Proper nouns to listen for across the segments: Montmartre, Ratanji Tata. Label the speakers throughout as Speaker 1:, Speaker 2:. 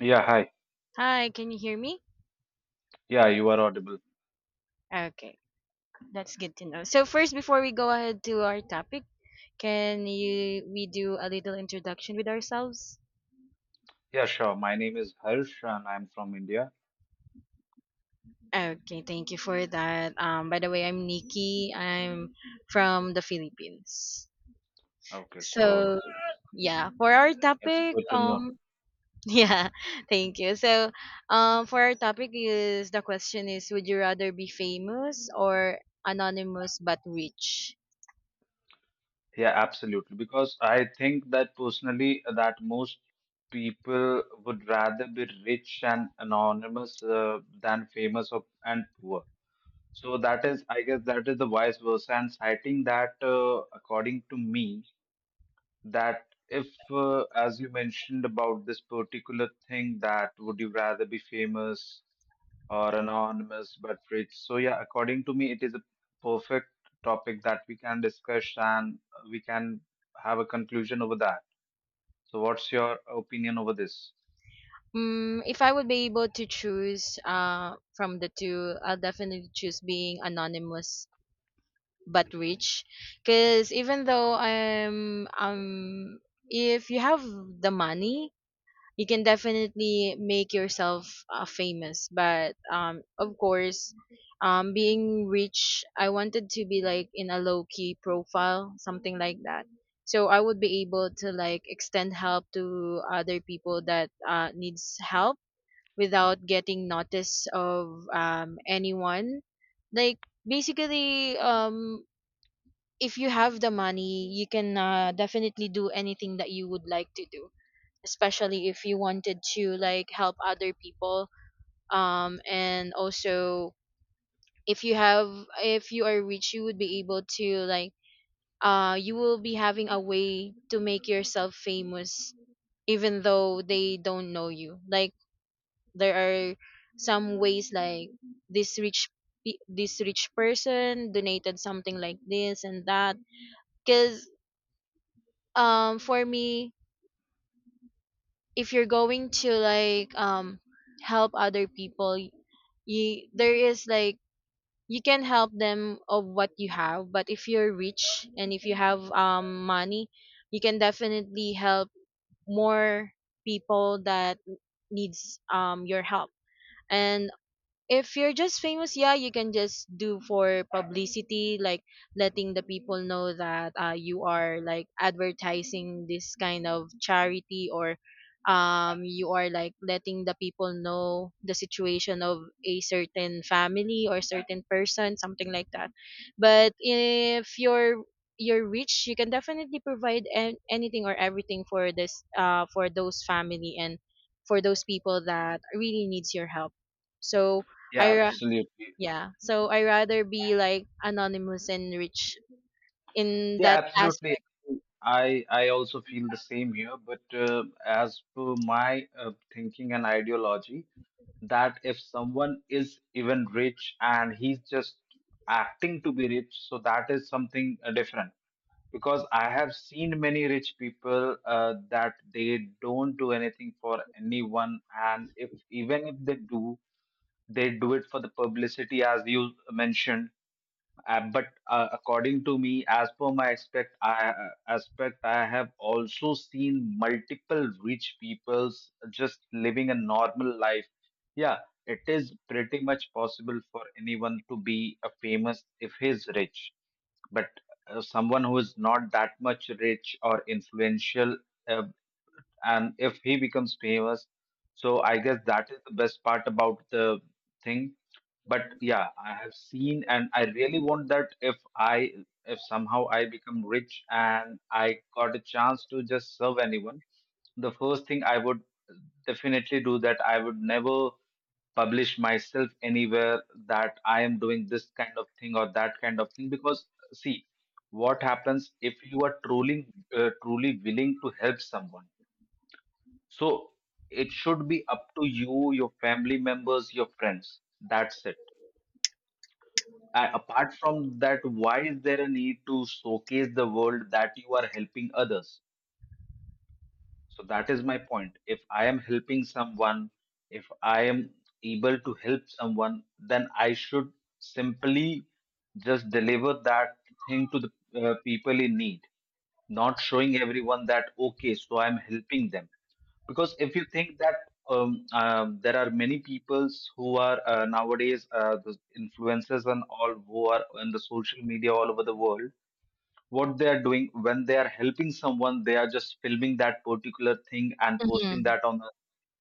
Speaker 1: Yeah, hi.
Speaker 2: Hi, can you hear me?
Speaker 1: Yeah, you are audible.
Speaker 2: Okay, that's good to know. So first, before we go ahead to our topic, can you we do a little introduction with ourselves?
Speaker 1: Yeah, sure. My name is Harsh and I'm from India.
Speaker 2: Okay, thank you for that. By the way, I'm Nikki. I'm from the Philippines.
Speaker 1: Okay,
Speaker 2: So,
Speaker 1: so it's,
Speaker 2: yeah, for our
Speaker 1: it's
Speaker 2: topic,
Speaker 1: good to know.
Speaker 2: yeah, thank you. So, for our topic is the question is, would you rather be famous or anonymous but rich?
Speaker 1: Yeah, absolutely. Because I think that personally, that most people would rather be rich and anonymous than famous and poor. So that is, I guess, that is the vice versa. And citing that, according to me, that if, as you mentioned about this particular thing, that would you rather be famous or anonymous but rich? So yeah, according to me, it is a perfect topic that we can discuss and we can have a conclusion over that. So what's your opinion over this?
Speaker 2: Mm, if I would be able to choose from the two, I'll definitely choose being anonymous but rich. Because even though if you have the money, you can definitely make yourself famous. But of course, being rich, I wanted to be like in a low key profile, something like that. So I would be able to like extend help to other people that needs help without getting notice of anyone, like basically, if you have the money, you can definitely do anything that you would like to do, especially if you wanted to like help other people. And also, if you have if you are rich, you would be able to like you will be having a way to make yourself famous even though they don't know you, like there are some ways like this this rich person donated something like this and that. Because for me, if you're going to like help other people, you there is like you can help them of what you have, but if you're rich and if you have money, you can definitely help more people that needs your help. And if you're just famous, yeah, you can just do for publicity, like letting the people know that you are like advertising this kind of charity, or you are like letting the people know the situation of a certain family or certain person, something like that. But if you're you're rich, you can definitely provide anything or everything for this, for those family and for those people that really needs your help. So
Speaker 1: Yeah,
Speaker 2: I ra-
Speaker 1: absolutely.
Speaker 2: yeah. So I rather be like anonymous and rich in
Speaker 1: Yeah,
Speaker 2: that
Speaker 1: absolutely.
Speaker 2: aspect.
Speaker 1: I also feel the same here, but as per my thinking and ideology, that if someone is even rich and he's just acting to be rich, so that is something different. Because I have seen many rich people that they don't do anything for anyone, and if even if they do, they do it for the publicity, as you mentioned. But according to me, as per my aspect, I have also seen multiple rich peoples just living a normal life. Yeah, it is pretty much possible for anyone to be a famous if he's rich, but someone who is not that much rich or influential, uh, and if he becomes famous, so I guess that is the best part about the thing. But yeah, I have seen, and I really want that if somehow I become rich and I got a chance to just serve anyone, the first thing I would definitely do that I would never publish myself anywhere, that I am doing this kind of thing or that kind of thing. Because see, what happens if you are truly willing to help someone? So it should be up to you, your family members, your friends. That's it. Apart from that, why is there a need to showcase the world that you are helping others? So that is my point. If I am helping someone, if I am able to help someone, then I should simply just deliver that thing to the people in need, not showing everyone that, okay, so I'm helping them. Because if you think that there are many peoples who are nowadays the influencers and all who are on the social media all over the world, what they are doing when they are helping someone, they are just filming that particular thing and posting
Speaker 2: Mm-hmm.
Speaker 1: that on the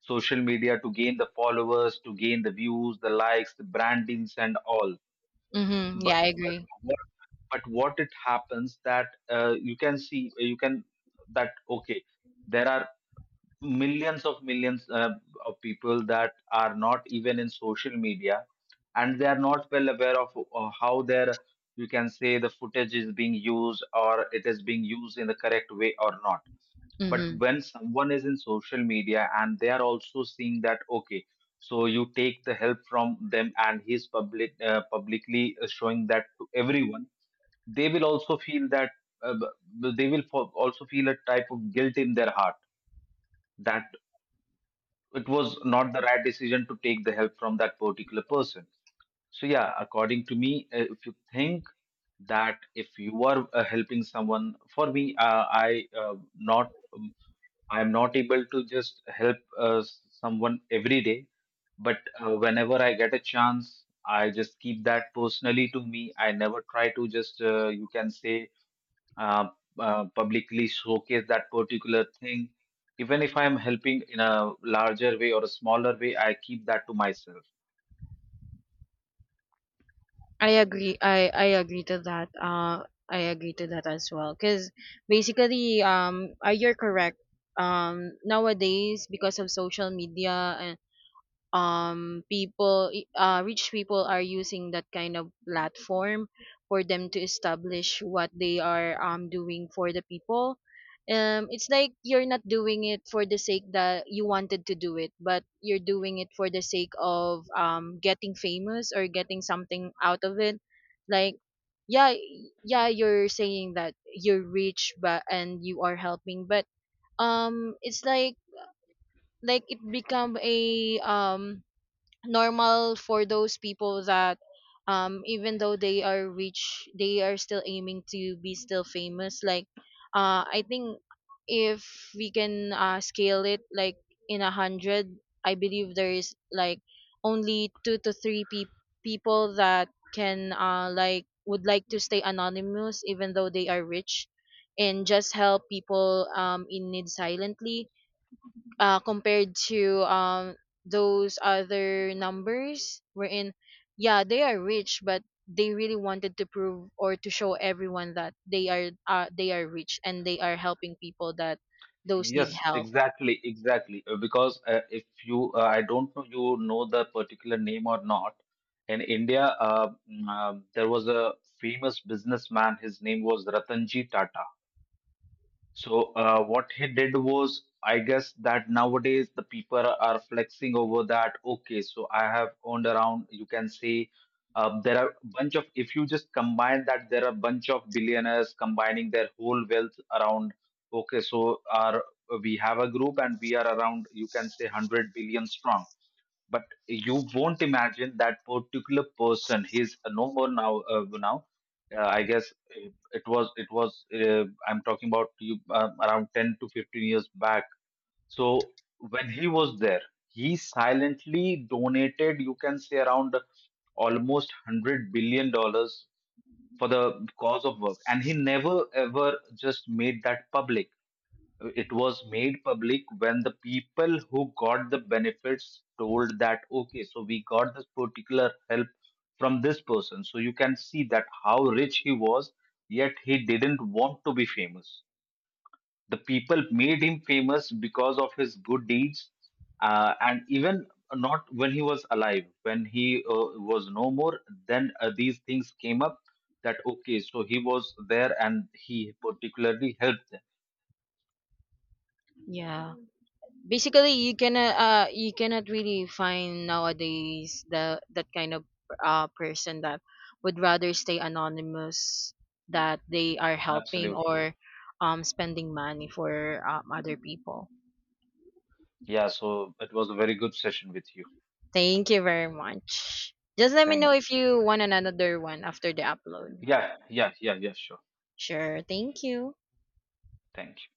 Speaker 1: social media to gain the followers, to gain the views, the likes, the brandings and all.
Speaker 2: Mm-hmm. Yeah,
Speaker 1: but
Speaker 2: I
Speaker 1: but
Speaker 2: agree.
Speaker 1: what, what it happens that you can see you can that, okay, there are millions of people that are not even in social media, and they are not well aware of how their, you can say, the footage is being used or it is being used in the correct way or not. But
Speaker 2: Mm-hmm.
Speaker 1: when someone is in social media and they are also seeing that, okay, so you take the help from them and he's publicly showing that to everyone, they will also feel that uh, b- they will fo- also feel a type of guilt in their heart, that it was not the right decision to take the help from that particular person. So yeah, according to me, if you think that if you are helping someone, for me, I am not able to just help someone every day, but whenever I get a chance, I just keep that personally to me. I never try to just you can say, uh, publicly showcase that particular thing. Even if I'm helping in a larger way or a smaller way, I keep that to myself.
Speaker 2: I agree. I agree to that. I agree to that as well. Cause basically, you're correct. Nowadays because of social media, people rich people are using that kind of platform for them to establish what they are doing for the people. It's like you're not doing it for the sake that you wanted to do it, but you're doing it for the sake of getting famous or getting something out of it. Like yeah, yeah, you're saying that you're rich but and you are helping, but it's like, it become a normal for those people that even though they are rich, they are still aiming to be still famous. Like I think if we can scale it like in 100, I believe there is like only 2 to 3 people that can like would like to stay anonymous even though they are rich, and just help people in need silently, compared to those other numbers wherein yeah they are rich, but they really wanted to prove or to show everyone that they are rich and they are helping people that those need
Speaker 1: Yes,
Speaker 2: help.
Speaker 1: exactly, exactly. Because if you, I don't know, you know the particular name or not. In India, there was a famous businessman. His name was Ratanji Tata. So what he did was, I guess, that nowadays the people are flexing over that. Okay, so I have owned around, you can say, there are bunch of. If you just combine that, there are bunch of billionaires combining their whole wealth around. Okay, so our we have a group and we are around, you can say, 100 billion strong. But you won't imagine that particular person, he's no more now. I guess it was I'm talking about you around 10 to 15 years back. So when he was there, he silently donated, you can say, around almost $100 billion for the cause of work, and he never ever just made that public. It was made public when the people who got the benefits told that, okay, so we got this particular help from this person. So you can see that how rich he was, yet he didn't want to be famous. The people made him famous because of his good deeds. And even not when he was alive, when he was no more, then these things came up, that okay, so he was there and he particularly helped them.
Speaker 2: Yeah, basically you cannot really find nowadays the that kind of person that would rather stay anonymous, that they are helping
Speaker 1: Absolutely.
Speaker 2: or spending money for other people.
Speaker 1: Yeah, so it was a very good session with you.
Speaker 2: Thank you very much. Just let me know
Speaker 1: Thank you.
Speaker 2: if you want another one after the upload.
Speaker 1: Yeah, yeah, yeah, yeah, sure.
Speaker 2: Sure. Thank you.
Speaker 1: Thank you.